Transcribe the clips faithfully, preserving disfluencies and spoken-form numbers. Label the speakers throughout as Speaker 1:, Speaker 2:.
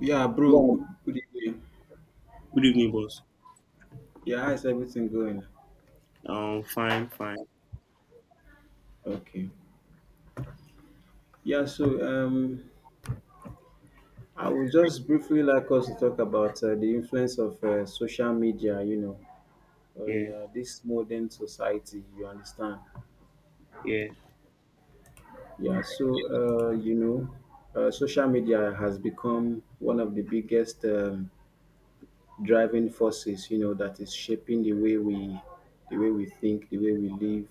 Speaker 1: Yeah, bro.
Speaker 2: Well,
Speaker 1: Good, good evening.
Speaker 2: good evening, boss.
Speaker 1: Yeah, how's everything going?
Speaker 2: Um, fine, fine.
Speaker 1: Okay. Yeah, so um, I would just briefly like us to talk about uh, the influence of uh, social media, you know, on
Speaker 2: Yeah,
Speaker 1: uh, this modern society. You understand?
Speaker 2: yeah,
Speaker 1: Yeah. So uh, you know, uh, social media has become one of the biggest um, driving forces. You know, that is shaping the way we, the way we think, the way we live,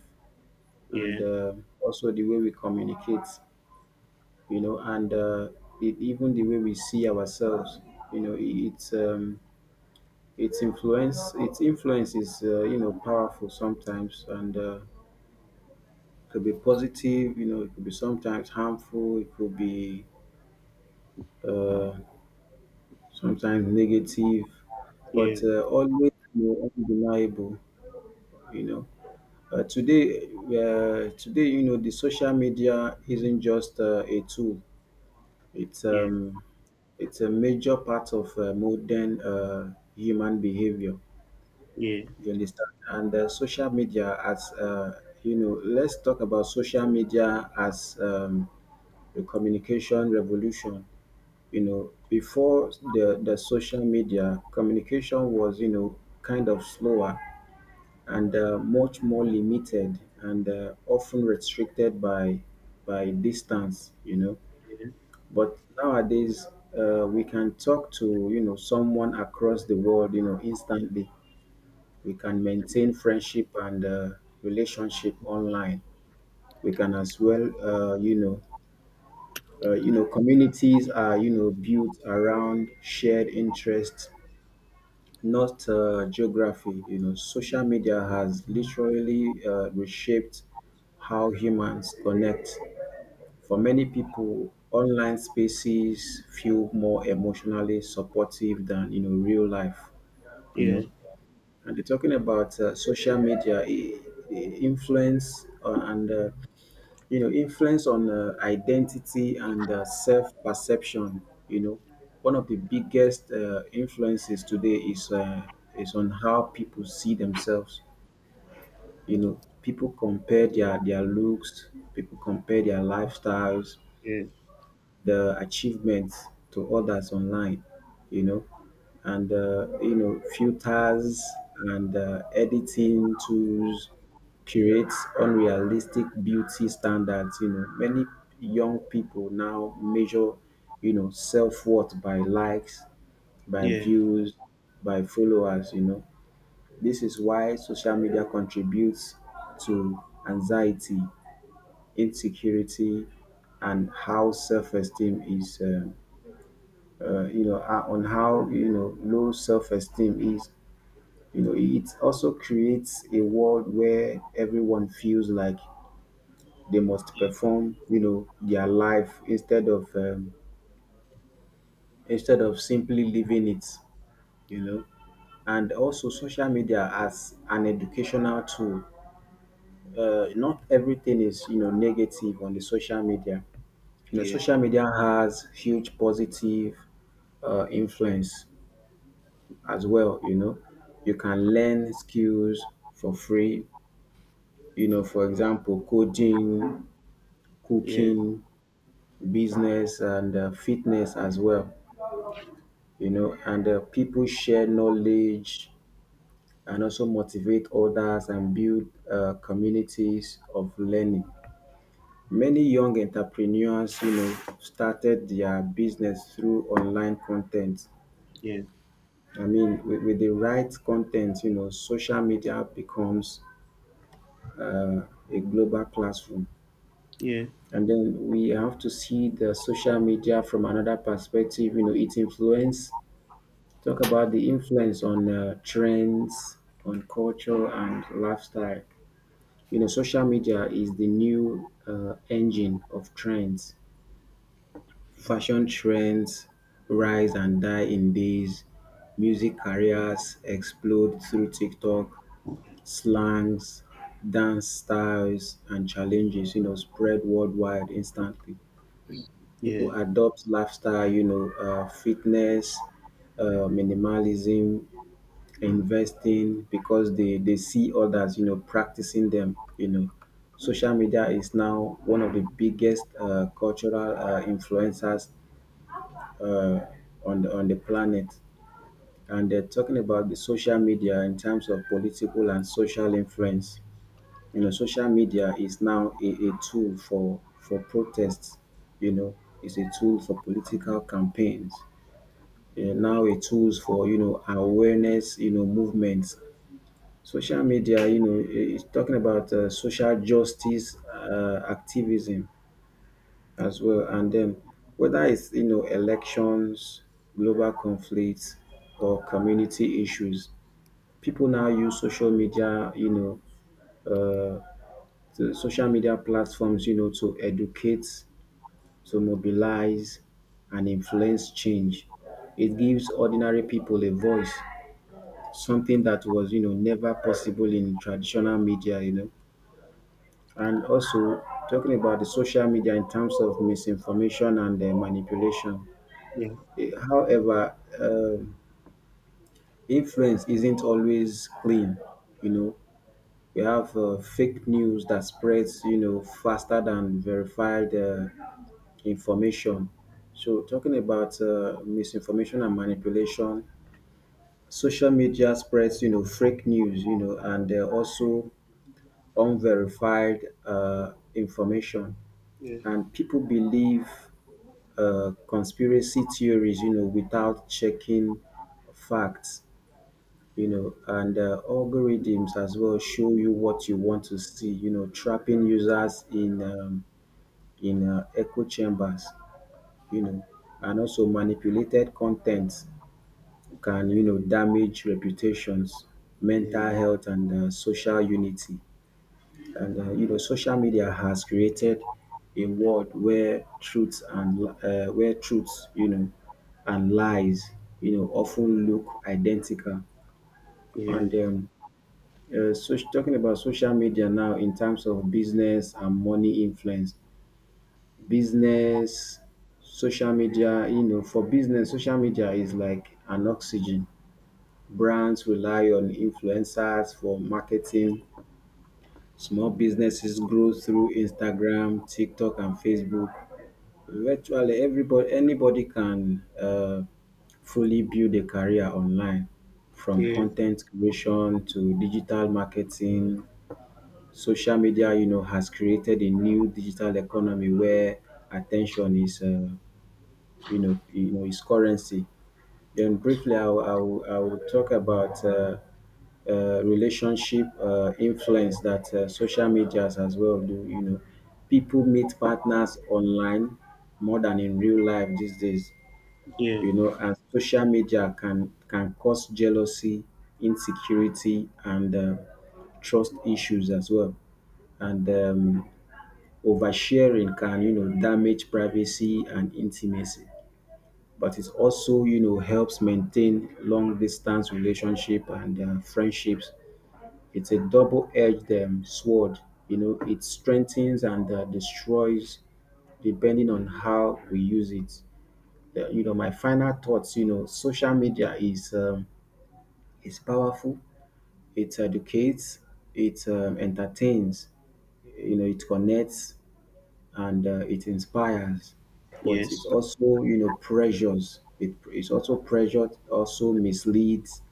Speaker 1: and
Speaker 2: yeah,
Speaker 1: uh, also the way we communicate. you know, and uh, it, even the way we see ourselves, you know, i- it's um, its influence, its influence is uh, you know powerful sometimes, and uh, could be positive, you know, it could be sometimes harmful, it could be uh, sometimes negative,
Speaker 2: yeah,
Speaker 1: but uh, always you know, undeniable, you know. Uh, today, uh, today, you know, the social media isn't just uh, a tool; it's
Speaker 2: yeah,
Speaker 1: um, It's a major part of uh, modern uh, human behavior.
Speaker 2: yeah,
Speaker 1: You understand? And uh, social media as uh, you know, let's talk about social media as um, the communication revolution. You know, before the the social media, communication was you know kind of slower and uh, much more limited and uh, often restricted by by distance. You know but nowadays, uh, we can talk to you know someone across the world, you know, instantly. We can maintain friendship and uh, relationship online. We can as well, uh, you know, uh, you know, communities are you know built around shared interests, not uh, geography. You know, social media has literally uh, reshaped how humans connect. For many people, online spaces feel more emotionally supportive than you know real life. You
Speaker 2: yeah,
Speaker 1: know,
Speaker 2: yeah,
Speaker 1: and they're talking about uh, social media i- i- influence uh, and uh, you know influence on uh, identity and uh, self perception. You know, one of the biggest uh, influences today is uh, is on how people see themselves. You know, people compare their their looks, people compare their lifestyles,
Speaker 2: yeah,
Speaker 1: the achievements to others online, you know, and uh, you know filters and uh, editing tools create unrealistic beauty standards. You know, many young people now measure, you know, self worth by likes, by
Speaker 2: yeah, yeah,
Speaker 1: views, by followers. You know, this is why social media contributes to anxiety, insecurity, and how self esteem is. Uh, uh, you know, uh, on how, you know, low self-esteem is. You know, it also creates a world where everyone feels like they must perform, you know, their life instead of um, instead of simply living it, you know. And also, social media as an educational tool. Uh, not everything is, you know, negative on the social media. You know,
Speaker 2: yeah, yeah,
Speaker 1: social media has huge positive uh, influence as well, you know. You can learn skills for free, you know, for example, coding,
Speaker 2: yeah,
Speaker 1: cooking, business, and uh, fitness as well, you know. And uh, people share knowledge and also motivate others and build uh, communities of learning. Many young entrepreneurs, you know, started their business through online content.
Speaker 2: yeah, yeah,
Speaker 1: I mean, with, with the right content, you know, social media becomes uh, a global classroom. And then we have to see the social media from another perspective, you know, its influence, talk about the influence on uh, trends, on culture, and lifestyle. You know, social media is the new uh, engine of trends, fashion trends rise and die in days, music careers explode through TikTok, slangs, dance styles, and challenges, you know, spread worldwide instantly.
Speaker 2: yeah,
Speaker 1: People adopt lifestyle, you know, uh, fitness, uh, minimalism, investing because they, they see others, you know, practicing them, you know. Social media is now one of the biggest uh, cultural uh, influencers uh, on, the, on the planet. And they're talking about the social media in terms of political and social influence. you know, social media is now a, a tool for for protests. You know, it's a tool for political campaigns. eh, now a tools for you know awareness. You know, movements. Social media, you know, i- is talking about uh, social justice uh, activism as well, and then whether it's you know elections, global conflicts, or community issues. People now use social media, you know, uh, the social media platforms, you know, to educate, to mobilize, and influence change. It gives ordinary people a voice, something that was, you know, never possible in traditional media, you know. And also, talking about the social media in terms of misinformation and uh, manipulation. Eh, However, um influence isn't always clean, you know. We have uh, fake news that spreads, you know, faster than verified uh, information. So talking about uh, misinformation and manipulation, social media spreads, you know, fake news, you know, and uh, also unverified uh, information. And people believe uh, conspiracy theories, you know, without checking facts, you know, and uh, algorithms as well show you what you want to see, you know, trapping users in um, in uh, echo chambers. you know, and also manipulated con can, you know, damage reputations, mental health and um social unity. And um you know, social media has created a world where truths and um where truths you know, and lies, you know, often look identical. And um um soc talking about social media now in terms of business and money influence. Business, social media, you know, for business, social media is like an oxygen. Brands rely on influencers for marketing. Small businesses grow through Instagram, TikTok, and Facebook. Virtually everybody, anybody can uh, fully build a career online from
Speaker 2: yeah, yeah,
Speaker 1: content creation to digital marketing. Social media, you know, has created a new digital economy where attention is uh, you know, you know its currency. Then briefly, I will, I will, I will talk about uh, uh, relationship uh, influence that uh, social medias as well do. You know, people meet partners online more than in real life these days.
Speaker 2: yeah,
Speaker 1: You know, and social media can can cause jealousy, insecurity, and uh, trust issues as well. And um, oversharing can, you know, damage privacy and intimacy, but it also you know helps maintain long distance relationship and uh, friendships. It's a double-edged um, sword. You know it strengthens and uh, destroys depending on how we use it. Uh, you know my final thoughts, you know social media is um, is powerful. It educates, it um, entertains, you know it connects, and uh, it inspires, but
Speaker 2: yes.
Speaker 1: it's also you know pressures. It it's also pressured, also misleads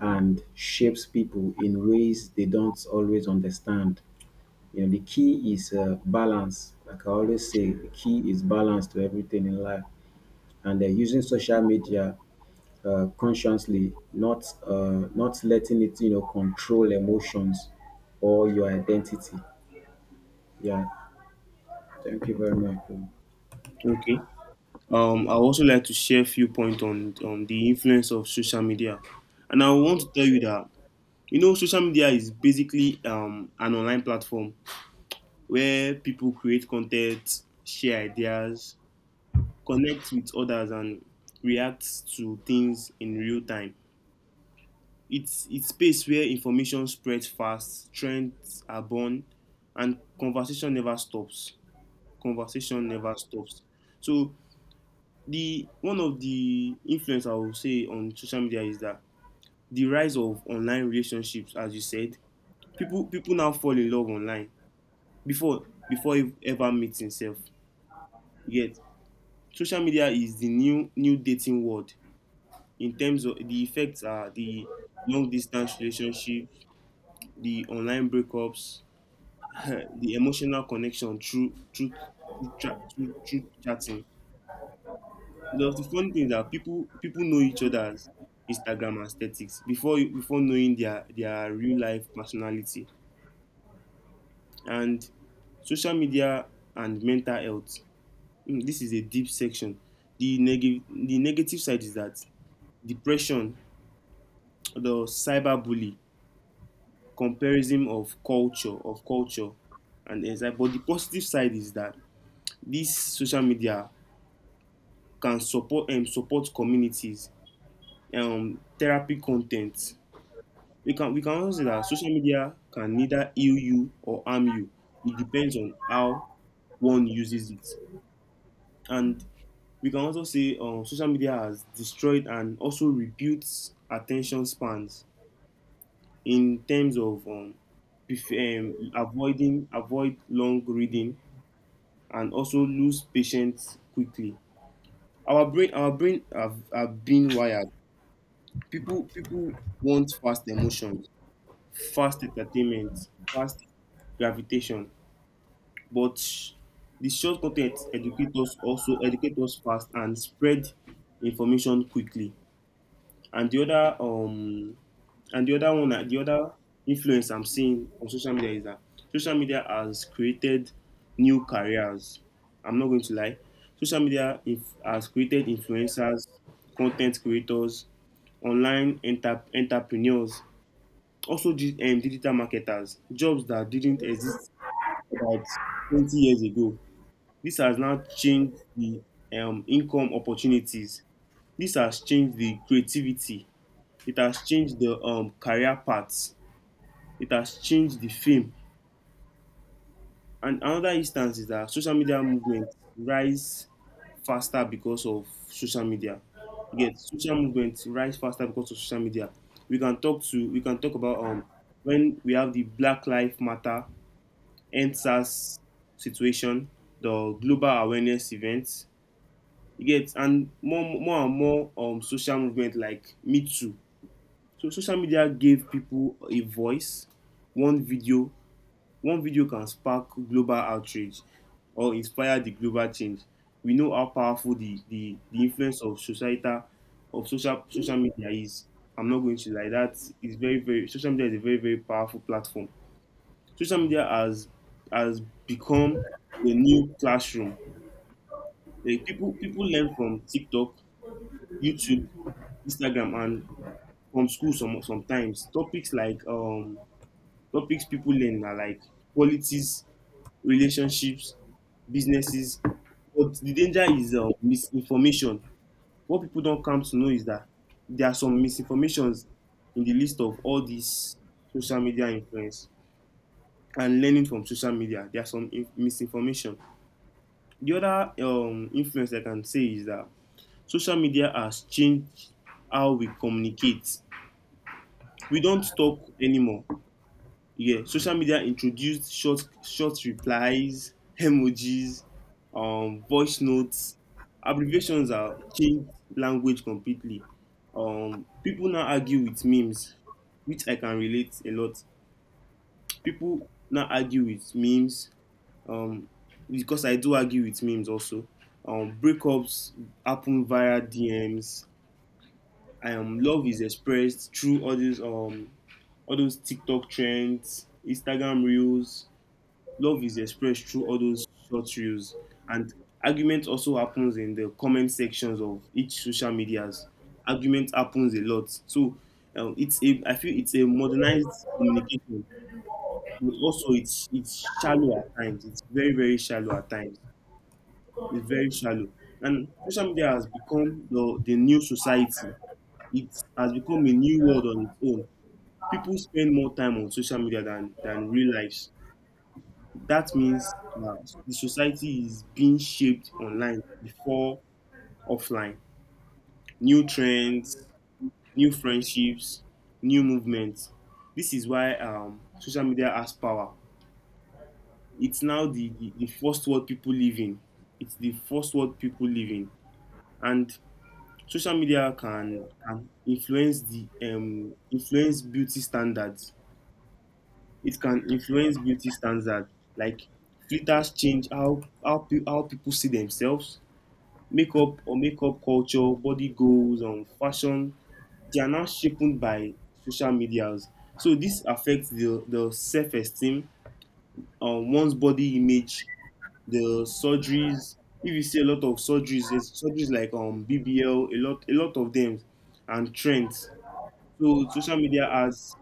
Speaker 1: and shapes people in ways they don't always understand. You know the key is uh, balance. Like I always say, the key is balance to everything in life, and uh, using social media. Uh, consciously, not uh, not letting it, you know, control emotions or your identity. Yeah, thank you very much. Bro.
Speaker 2: Okay. Um, I also like to share a few points on on the influence of social media, and I want to tell you that you know social media is basically um an online platform where people create content, share ideas, connect with others, and react to things in real time. It's it's space where information spreads fast, trends are born, and conversation never stops. Conversation never stops. So the one of the influence I will say on social media is that the rise of online relationships, as you said, people people now fall in love online before before ev- ever meeting self. Yet social media is the new new dating world, in terms of the effects are the long distance relationship, the online breakups, the emotional connection through through through, tra- through, through chatting. The, the funny thing is that people people know each other's Instagram aesthetics before you- before knowing their their real life personality, and social media and mental health. Hmm, this is a deep section. The negative the negative side is that depression, the cyberbully, comparison of culture of culture and exam, but the positive side is that this social media can support, um, support communities, um, therapy content. We can we can also say that social media can neither heal you or harm you. It depends on how one uses it. And we can also say, um, social media has destroyed and also rebuilt attention spans, in terms of, um, if, um, avoiding avoid long reading and also lose patience quickly. Our brain, our brain have, have been wired. People, people want fast emotions, fast entertainment, fast gravitation. But the short content educate us, also educate us fast, and spread information quickly. And the other, um and the other one, the other influence I'm seeing on social media is that social media has created new careers. I'm not going to lie. Social media inf- has created influencers, content creators, online enter- entrepreneurs, also di- um, digital marketers, jobs that didn't exist about twenty years ago. This has now changed the, um, income opportunities. This has changed the creativity. It has changed the, um, career paths. It has changed the fame. And another instance is that social media movement rise faster because of social media. Yet social movement rise faster because of social media. We can talk to we can talk about, um when we have the Black Lives Matter, N S A S situation, the global awareness events. You get, and more more and more, um social movement like Me Too. So social media gave people a voice. one video One video can spark global outrage or inspire the global change. We know how powerful the, the, the influence of societal of social social media is. I'm not going to lie, that is very, very social media is a very, very powerful platform. Social media has has become the new classroom. Like, people people learn from TikTok, YouTube, Instagram, and from school some sometimes. Topics like um topics people learn are like politics, relationships, businesses. But the danger is, um, misinformation. What people don't come to know is that there are some misinformations in the list of all these social media influence and learning from social media. There are some in- misinformation. The other, um, influence I can say is that social media has changed how we communicate. We don't talk anymore. Yeah, social media introduced short short replies, emojis, um, voice notes. Abbreviations are changed language completely. Um, people now argue with memes, which I can relate a lot. People now argue with memes, um, because I do argue with memes also. Um, breakups happen via D Ms. Um, love is expressed through all these um all those TikTok trends, Instagram reels. Love is expressed through all those short reels, and argument also happens in the comment sections of each social medias. Argument happens a lot, so um, it's a I feel it's a modernized communication, but also it's it's shallow at times. It's very, very shallow at times. It's very shallow. And social media has become the the new society. It has become a new world on its own. People spend more time on social media than than real lives. That means now the society is being shaped online before offline. New trends, new friendships, new movements. This is why, um, social media has power. It's now the, the, the first world people live in. It's the first world people live in. And social media can, can influence the, um, influence beauty standards. It can influence beauty standards. Like, filters change how how, pe- how people see themselves. Makeup or makeup culture, body goals, and fashion, they are now shaped by social medias. So this affects the, the self-esteem, um, one's body image, the surgeries. If you see a lot of surgeries, there's surgeries like, um B B L, a lot, a lot of them, and trends. So social media has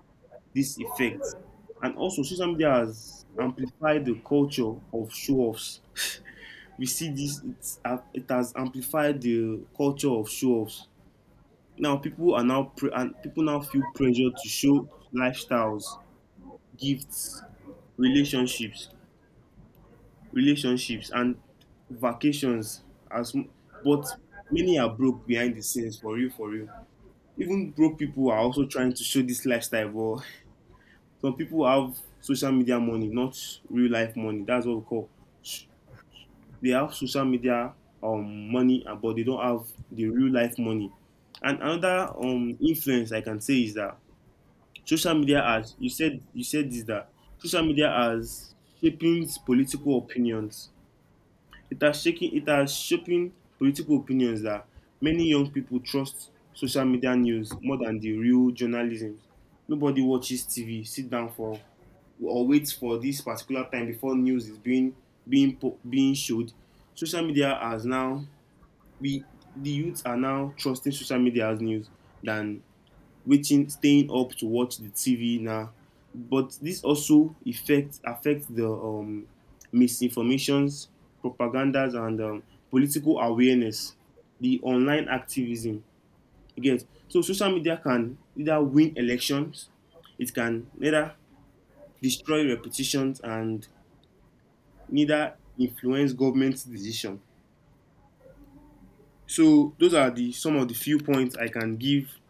Speaker 2: this effect, and also social media has amplified the culture of show-offs. We see this. It's, uh, it has amplified the culture of show-offs. Now people are now pre- and People now feel pressure to show lifestyles, gifts, relationships, relationships, and vacations. As m- but many are broke behind the scenes, for real, for real. Even broke people are also trying to show this lifestyle. But some people have social media money, not real life money. That's what we call. sh- They have social media, um money, uh, but they don't have the real life money. And another, um influence I can say is that social media has, you said you said this, that social media has shaping political opinions. it has shaking it has shaping political opinions, that many young people trust social media news more than the real journalism. Nobody watches TV, sit down for or waits for this particular time before news is being being po- being showed. Social media has now we The youth are now trusting social media as news than waiting, staying up to watch the TV now. But this also affect affect the, um, misinformations, propagandas, and um, political awareness, the online activism. You get, so social media can either win elections, it can neither destroy reputations, and neither influence government decision. So those are the some of the few points I can give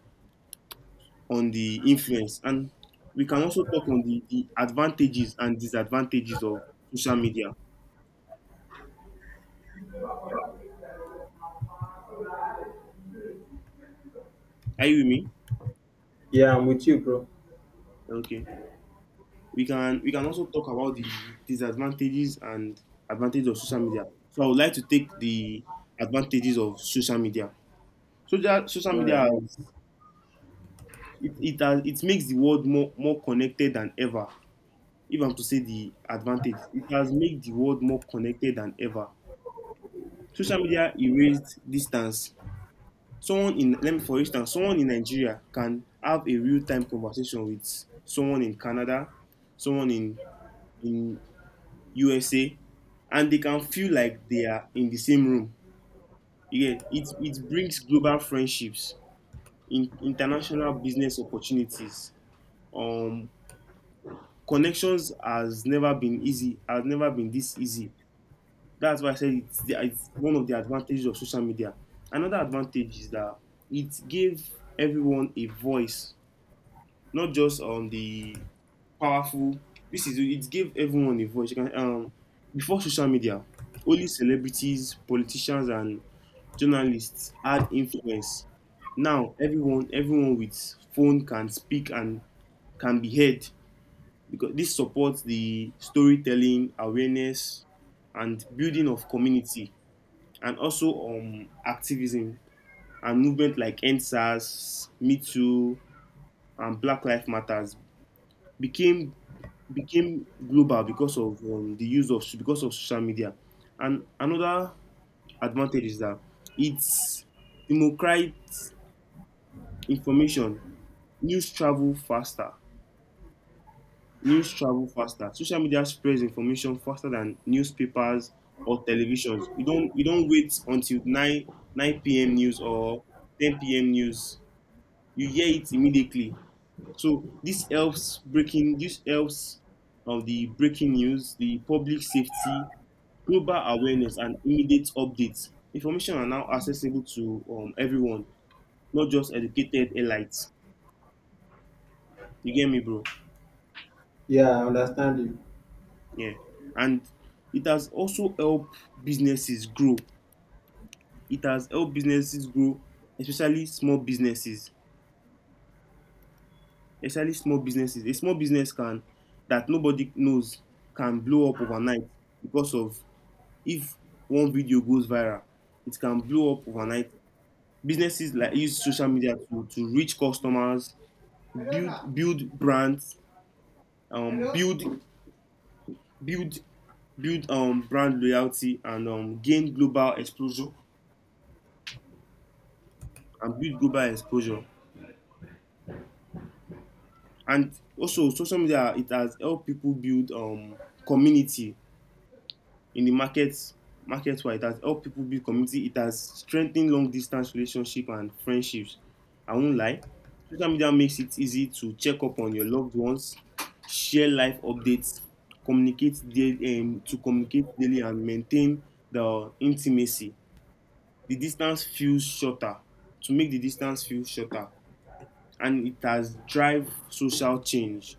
Speaker 2: on the influence. And we can also talk on the, the advantages and disadvantages of social media. Are you with me?
Speaker 1: Yeah, I'm with you, bro.
Speaker 2: Okay. We can we can also talk about the disadvantages and advantages of social media. So I would like to take the advantages of social media. Social social
Speaker 1: All
Speaker 2: media
Speaker 1: right.
Speaker 2: has, it, it has it makes the world more more connected than ever. If I'm to say the advantage, it has made the world more connected than ever. Social media erased distance. Someone in let me for instance someone in Nigeria can have a real time conversation with someone in Canada, someone in in USA, and they can feel like they are in the same room. Yeah, it it brings global friendships in international business opportunities. um Connections has never been easy, has never been this easy. That's why I said it's, the, it's one of the advantages of social media. Another advantage is that it gave everyone a voice, not just, um, the powerful. This is, it gave everyone a voice. You can, um, before social media, only celebrities, politicians, and journalists had influence. Now everyone, everyone with phone can speak and can be heard, because this supports the storytelling, awareness, and building of community, and also, um, activism and movement like N S A S, Me Too, and Black Lives Matters became became global because of, um, the use of because of social media. And another advantage is that it's democrates information. News travel faster. News travel faster. Social media spreads information faster than newspapers or televisions. You don't you don't wait until nine nine p.m. news or ten p m news. You hear it immediately. So this helps breaking this helps of the breaking news, the public safety, global awareness, and immediate updates. Information are now accessible to, um, everyone, not just educated elites. You get me, bro?
Speaker 1: Yeah, I understand you.
Speaker 2: Yeah. And it has also helped businesses grow. It has helped businesses grow, especially small businesses. Especially small businesses. A small business, can that nobody knows can blow up overnight, because of, if one video goes viral, it can blow up overnight. Businesses like use social media to, to reach customers, build build brands, um, build build build um brand loyalty, and um gain global exposure, and build global exposure. And also social media, it has helped people build, um community in the market market, where it has helped people build community. It has strengthened long distance relationship and friendships. I won't lie, social media makes it easy to check up on your loved ones, share life updates, communicate daily um, to communicate daily and maintain the intimacy. The distance feels shorter, to make the distance feel shorter. And it has drive social change.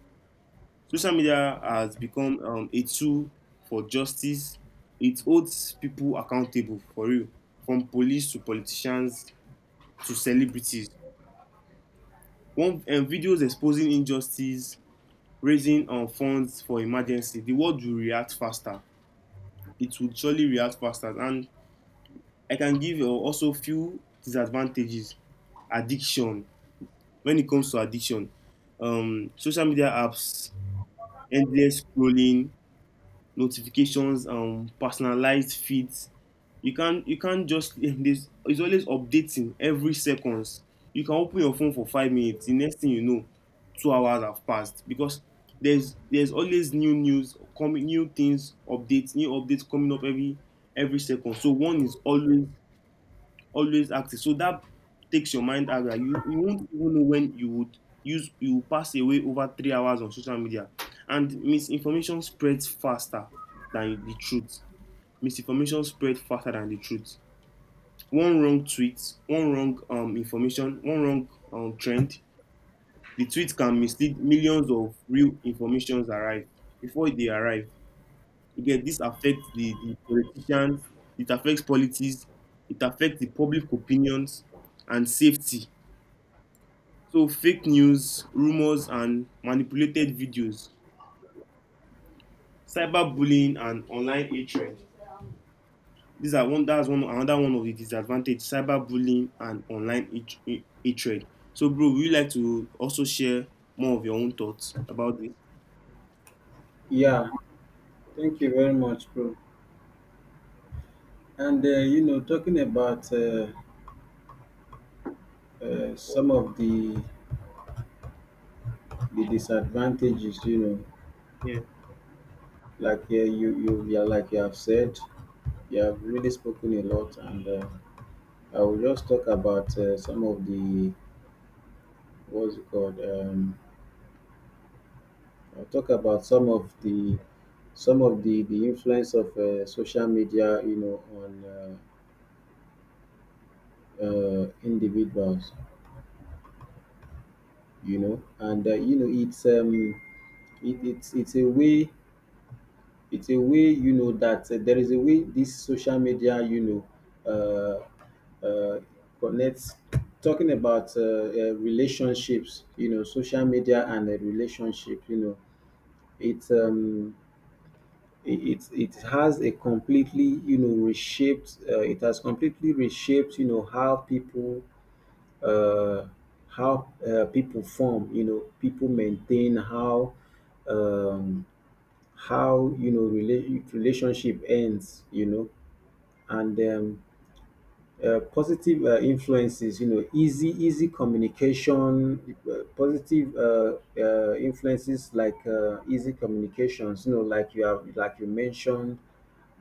Speaker 2: Social media has become, um, a tool for justice. It holds people accountable, for real, from police to politicians to celebrities. One, um, videos exposing injustice, raising, um, funds for emergency. The world will react faster. It will surely react faster. And I can give, uh, also few disadvantages. Addiction. When it comes to addiction, um, social media apps, endless scrolling, notifications, um personalized feeds. You can't you can't just there's it's always updating every seconds. You can open your phone for five minutes, the next thing you know, two hours have passed, because there's there's always new news coming, new things updates, new updates coming up every every second. So one is always always active. So that takes your mind out. Like you, you won't even know when you would use you will pass away over three hours on social media. And misinformation spreads faster than the truth. Misinformation spreads faster than the truth. One wrong tweet, one wrong, um, information, one wrong, um, trend, the tweet can mislead millions of real informations arrive before they arrive. Again, this affects the, the politicians, it affects politics, it affects the public opinions and safety. So, fake news, rumors, and manipulated videos, cyberbullying, and online hatred. These are one. That's one. Another one of the disadvantages: cyberbullying and online hatred. So, bro, would you like to also share more of your own thoughts about this?
Speaker 1: Yeah, thank you very much, bro. And uh, you know, talking about uh, uh, some of the the disadvantages, you know,
Speaker 2: Yeah.
Speaker 1: like uh, you you yeah, like you have said, you have really spoken a lot, and uh, I will just talk about uh, some of the what's it called? Um, I'll talk about some of the some of the the influence of uh, social media, you know, on uh, uh, individuals. You know and uh, you know it's um it, it's it's a way it's a way, you know that uh, there is a way this social media you know uh, uh, connects. Talking about uh, uh, relationships, you know social media and a relationship you know it um it, it it has a completely you know reshaped uh, it has completely reshaped, you know how people uh, how uh, people form, you know people maintain, how um, how you know relate relationship ends you know And um, uh, positive uh, influences, you know easy easy communication, uh, positive uh, uh, influences like uh, easy communications, you know like you have like you mentioned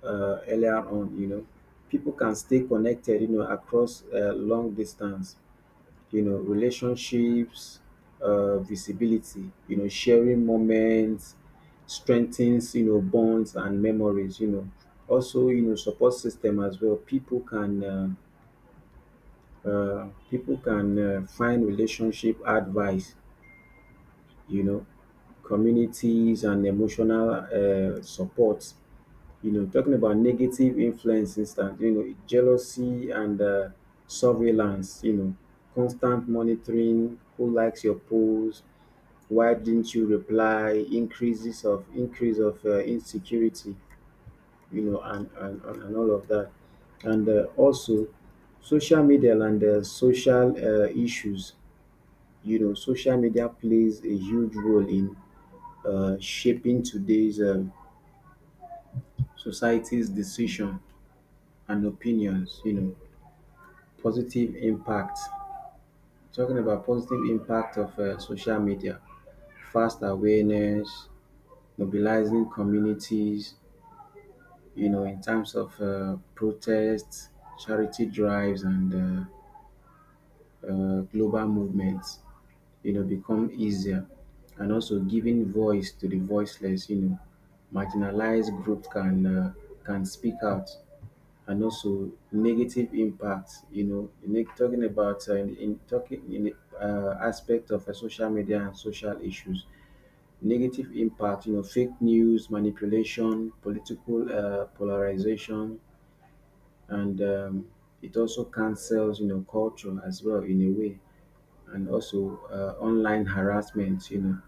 Speaker 1: uh, earlier on, you know people can stay connected, you know across uh, long distance, you know, relationships, uh, visibility, you know, sharing moments, strengthens, you know, bonds and memories, you know. Also, you know, support system as well. People can uh, uh, people can uh, find relationship advice, you know, communities and emotional uh, support. You know, talking about negative influence instance, you know, jealousy and uh, surveillance, you know, constant monitoring, who likes your post, why didn't you reply, increases of increase of uh, insecurity, you know, and, and, and and all of that. And uh, also social media and uh, social uh, issues, you know, social media plays a huge role in uh, shaping today's um, society's decision and opinions, you know, positive impact. Talking about positive impact of uh, social media, fast awareness, mobilizing communities, you know, in terms of uh, protests, charity drives, and uh, uh, global movements, you know, become easier. And also giving voice to the voiceless, you know, marginalized groups can uh, can speak out, and also negative impact. You know, ne- talking about uh, in, in talking in the, uh, aspect of uh, social media and social issues, negative impact. You know, fake news, manipulation, political uh, polarization, and um, it also cancels you know culture as well in a way, and also uh, online harassment. You know,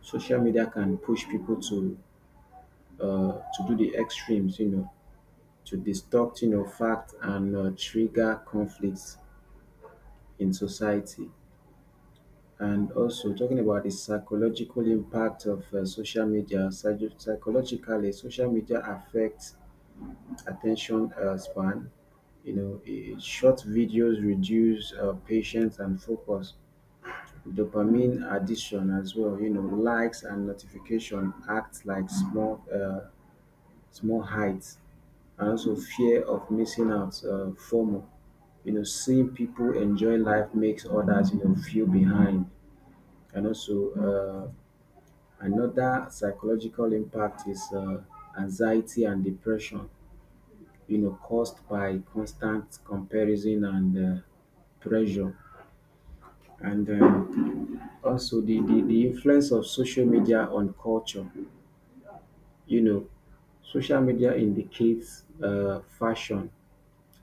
Speaker 1: social media can push people to uh, to do the extremes. You know, to distort you know fact and uh, trigger conflicts in society. And also talking about the psychological impact of uh, social media, psycho- psychologically, social media affects attention uh, span. You know, eh, short videos reduce uh, patience and focus. Dopamine addiction as well. You know, likes and notification act like small, uh, small heights, and also fear of missing out, uh, FOMO. You know, seeing people enjoy life makes others you know feel behind. And also, uh, another psychological impact is uh, anxiety and depression, you know, caused by constant comparison and uh, pressure. And um, also, the, the, the influence of social media on culture, you know, social media indicates uh, fashion,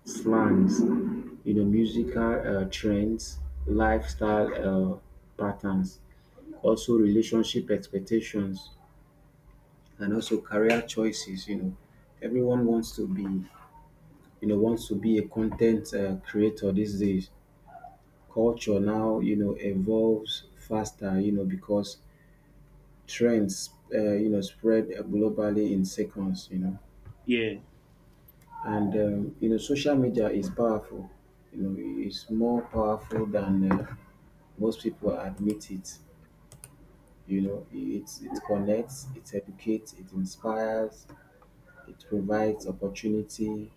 Speaker 1: slangs, you know, musical uh, trends, lifestyle uh, patterns, also relationship expectations and also career choices. You know, everyone wants to be, you know, wants to be a content uh, creator these days. Culture now, you know, evolves faster. You know, because trends, uh, you know, spread globally in seconds. You know,
Speaker 2: Yeah.
Speaker 1: and um, you know, social media is powerful. You know, it's more powerful than uh, most people admit it. You know, it it connects, it educates, it inspires, it provides opportunity,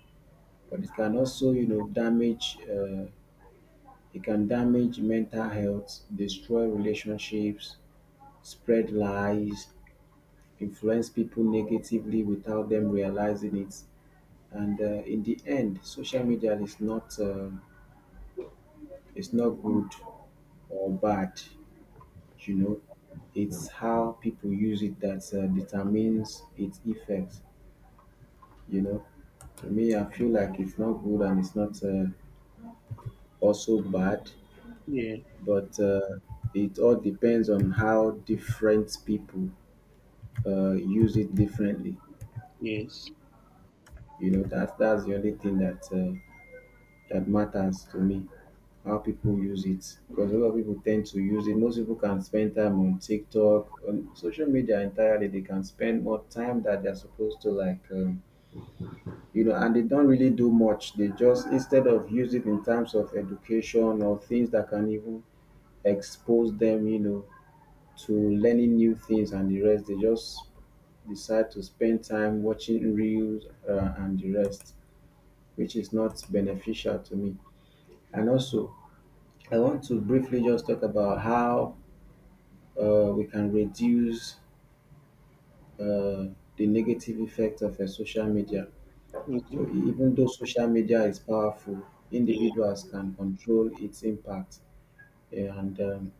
Speaker 1: but it can also, you know, damage. Uh, it can damage mental health, destroy relationships, spread lies, influence people negatively without them realizing it. And uh, in the end, social media is not uh, is not good or bad. You know, it's how people use it that uh, determines its effects. You know, to me, I feel like it's not good and it's not uh, also bad.
Speaker 2: Yeah.
Speaker 1: But uh, it all depends on how different people uh, use it differently.
Speaker 2: Yes.
Speaker 1: You know, that that's the only thing that uh, that matters to me. How people use it, because a lot of people tend to use it. Most people can spend time on TikTok, on social media entirely. They can spend more time that they're supposed to, like um, you know, and they don't really do much. They just instead of use it in terms of education or things that can even expose them, you know, to learning new things and the rest. They just decide to spend time watching reels uh, and the rest, which is not beneficial to me. And also, I want to briefly just talk about how uh, we can reduce uh, the negative effect of uh, social media.
Speaker 2: Okay.
Speaker 1: So, e- even though social media is powerful,
Speaker 2: Yeah.
Speaker 1: individuals can control its impact. Eh, And um,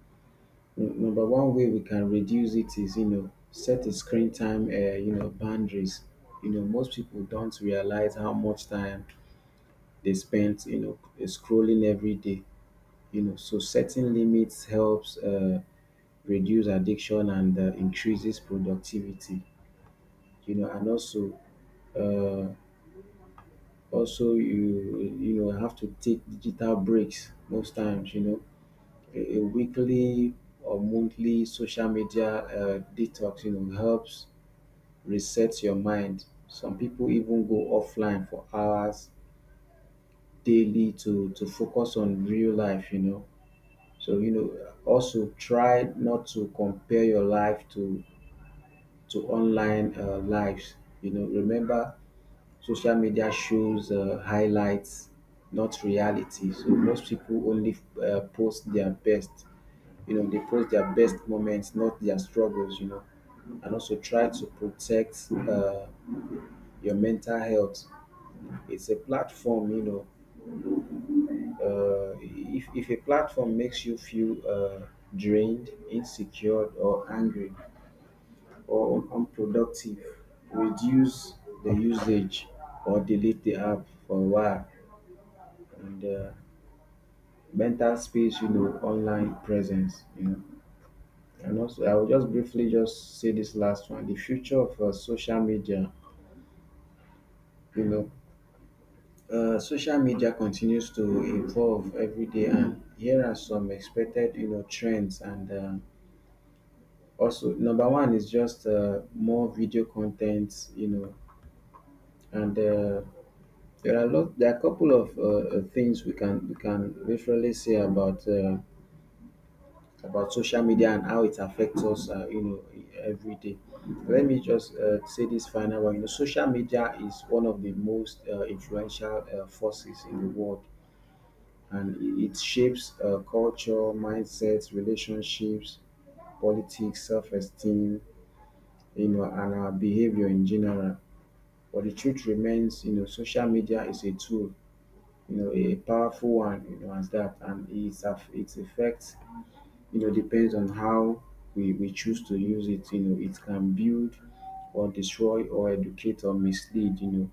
Speaker 1: N- Number one way we can reduce it is, you know, set a screen time, uh, you know, boundaries. You know, most people don't realize how much time they spend, you know, scrolling every day. You know, so setting limits helps uh, reduce addiction and uh, increases productivity. You know, and also, uh, also you you know have to take digital breaks most times. You know, a, a weekly or monthly social media uh, detox. You know, helps reset your mind. Some people even go offline for hours daily to to focus on real life, you know. So, you know, also try not to compare your life to to online uh, lives. You know, remember social media shows uh, highlights, not reality. So most people only uh, post their best. You know, they post their best moments, not their struggles. You know, and also try to protect uh, your mental health. It's a platform, you know. Uh, if if a platform makes you feel uh, drained, insecure, or angry, or unproductive, reduce the usage or delete the app for a while. And uh, mental space, you know, online presence, you know. And also, I will just briefly just say this last one: the future of uh, social media, you know. Uh, social media continues to evolve every day, and here are some expected, you know, trends. And uh, also, number one is just uh, more video content, you know, and uh, there are a lot. There are a couple of uh, uh, things we can we can literally say about uh, about social media and how it affects us, uh, you know, every day. Let me just uh, say this final one. You know, social media is one of the most uh, influential uh, forces in the world, and it it shapes uh, culture, mindsets, relationships, politics, self-esteem, you know, and our behavior in general. But the truth remains, you know, social media is a tool, you know, a powerful one, you know, as that, and its aff- its effect, you know, depends on how we, we choose to use it. You know, it can build or destroy or educate or mislead. You know,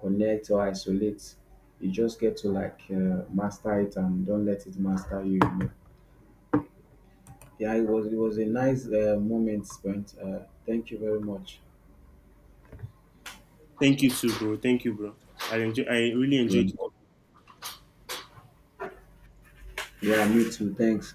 Speaker 1: connect or isolate. You just get to like uh, master it and don't let it master you. You know. Yeah, it was it was a nice uh, moment spent. Uh, thank you very much.
Speaker 2: Thank you too, bro. Thank you, bro. I enjoy. I really
Speaker 1: Yeah,
Speaker 2: enjoyed it.
Speaker 1: yeah, me too. Thanks.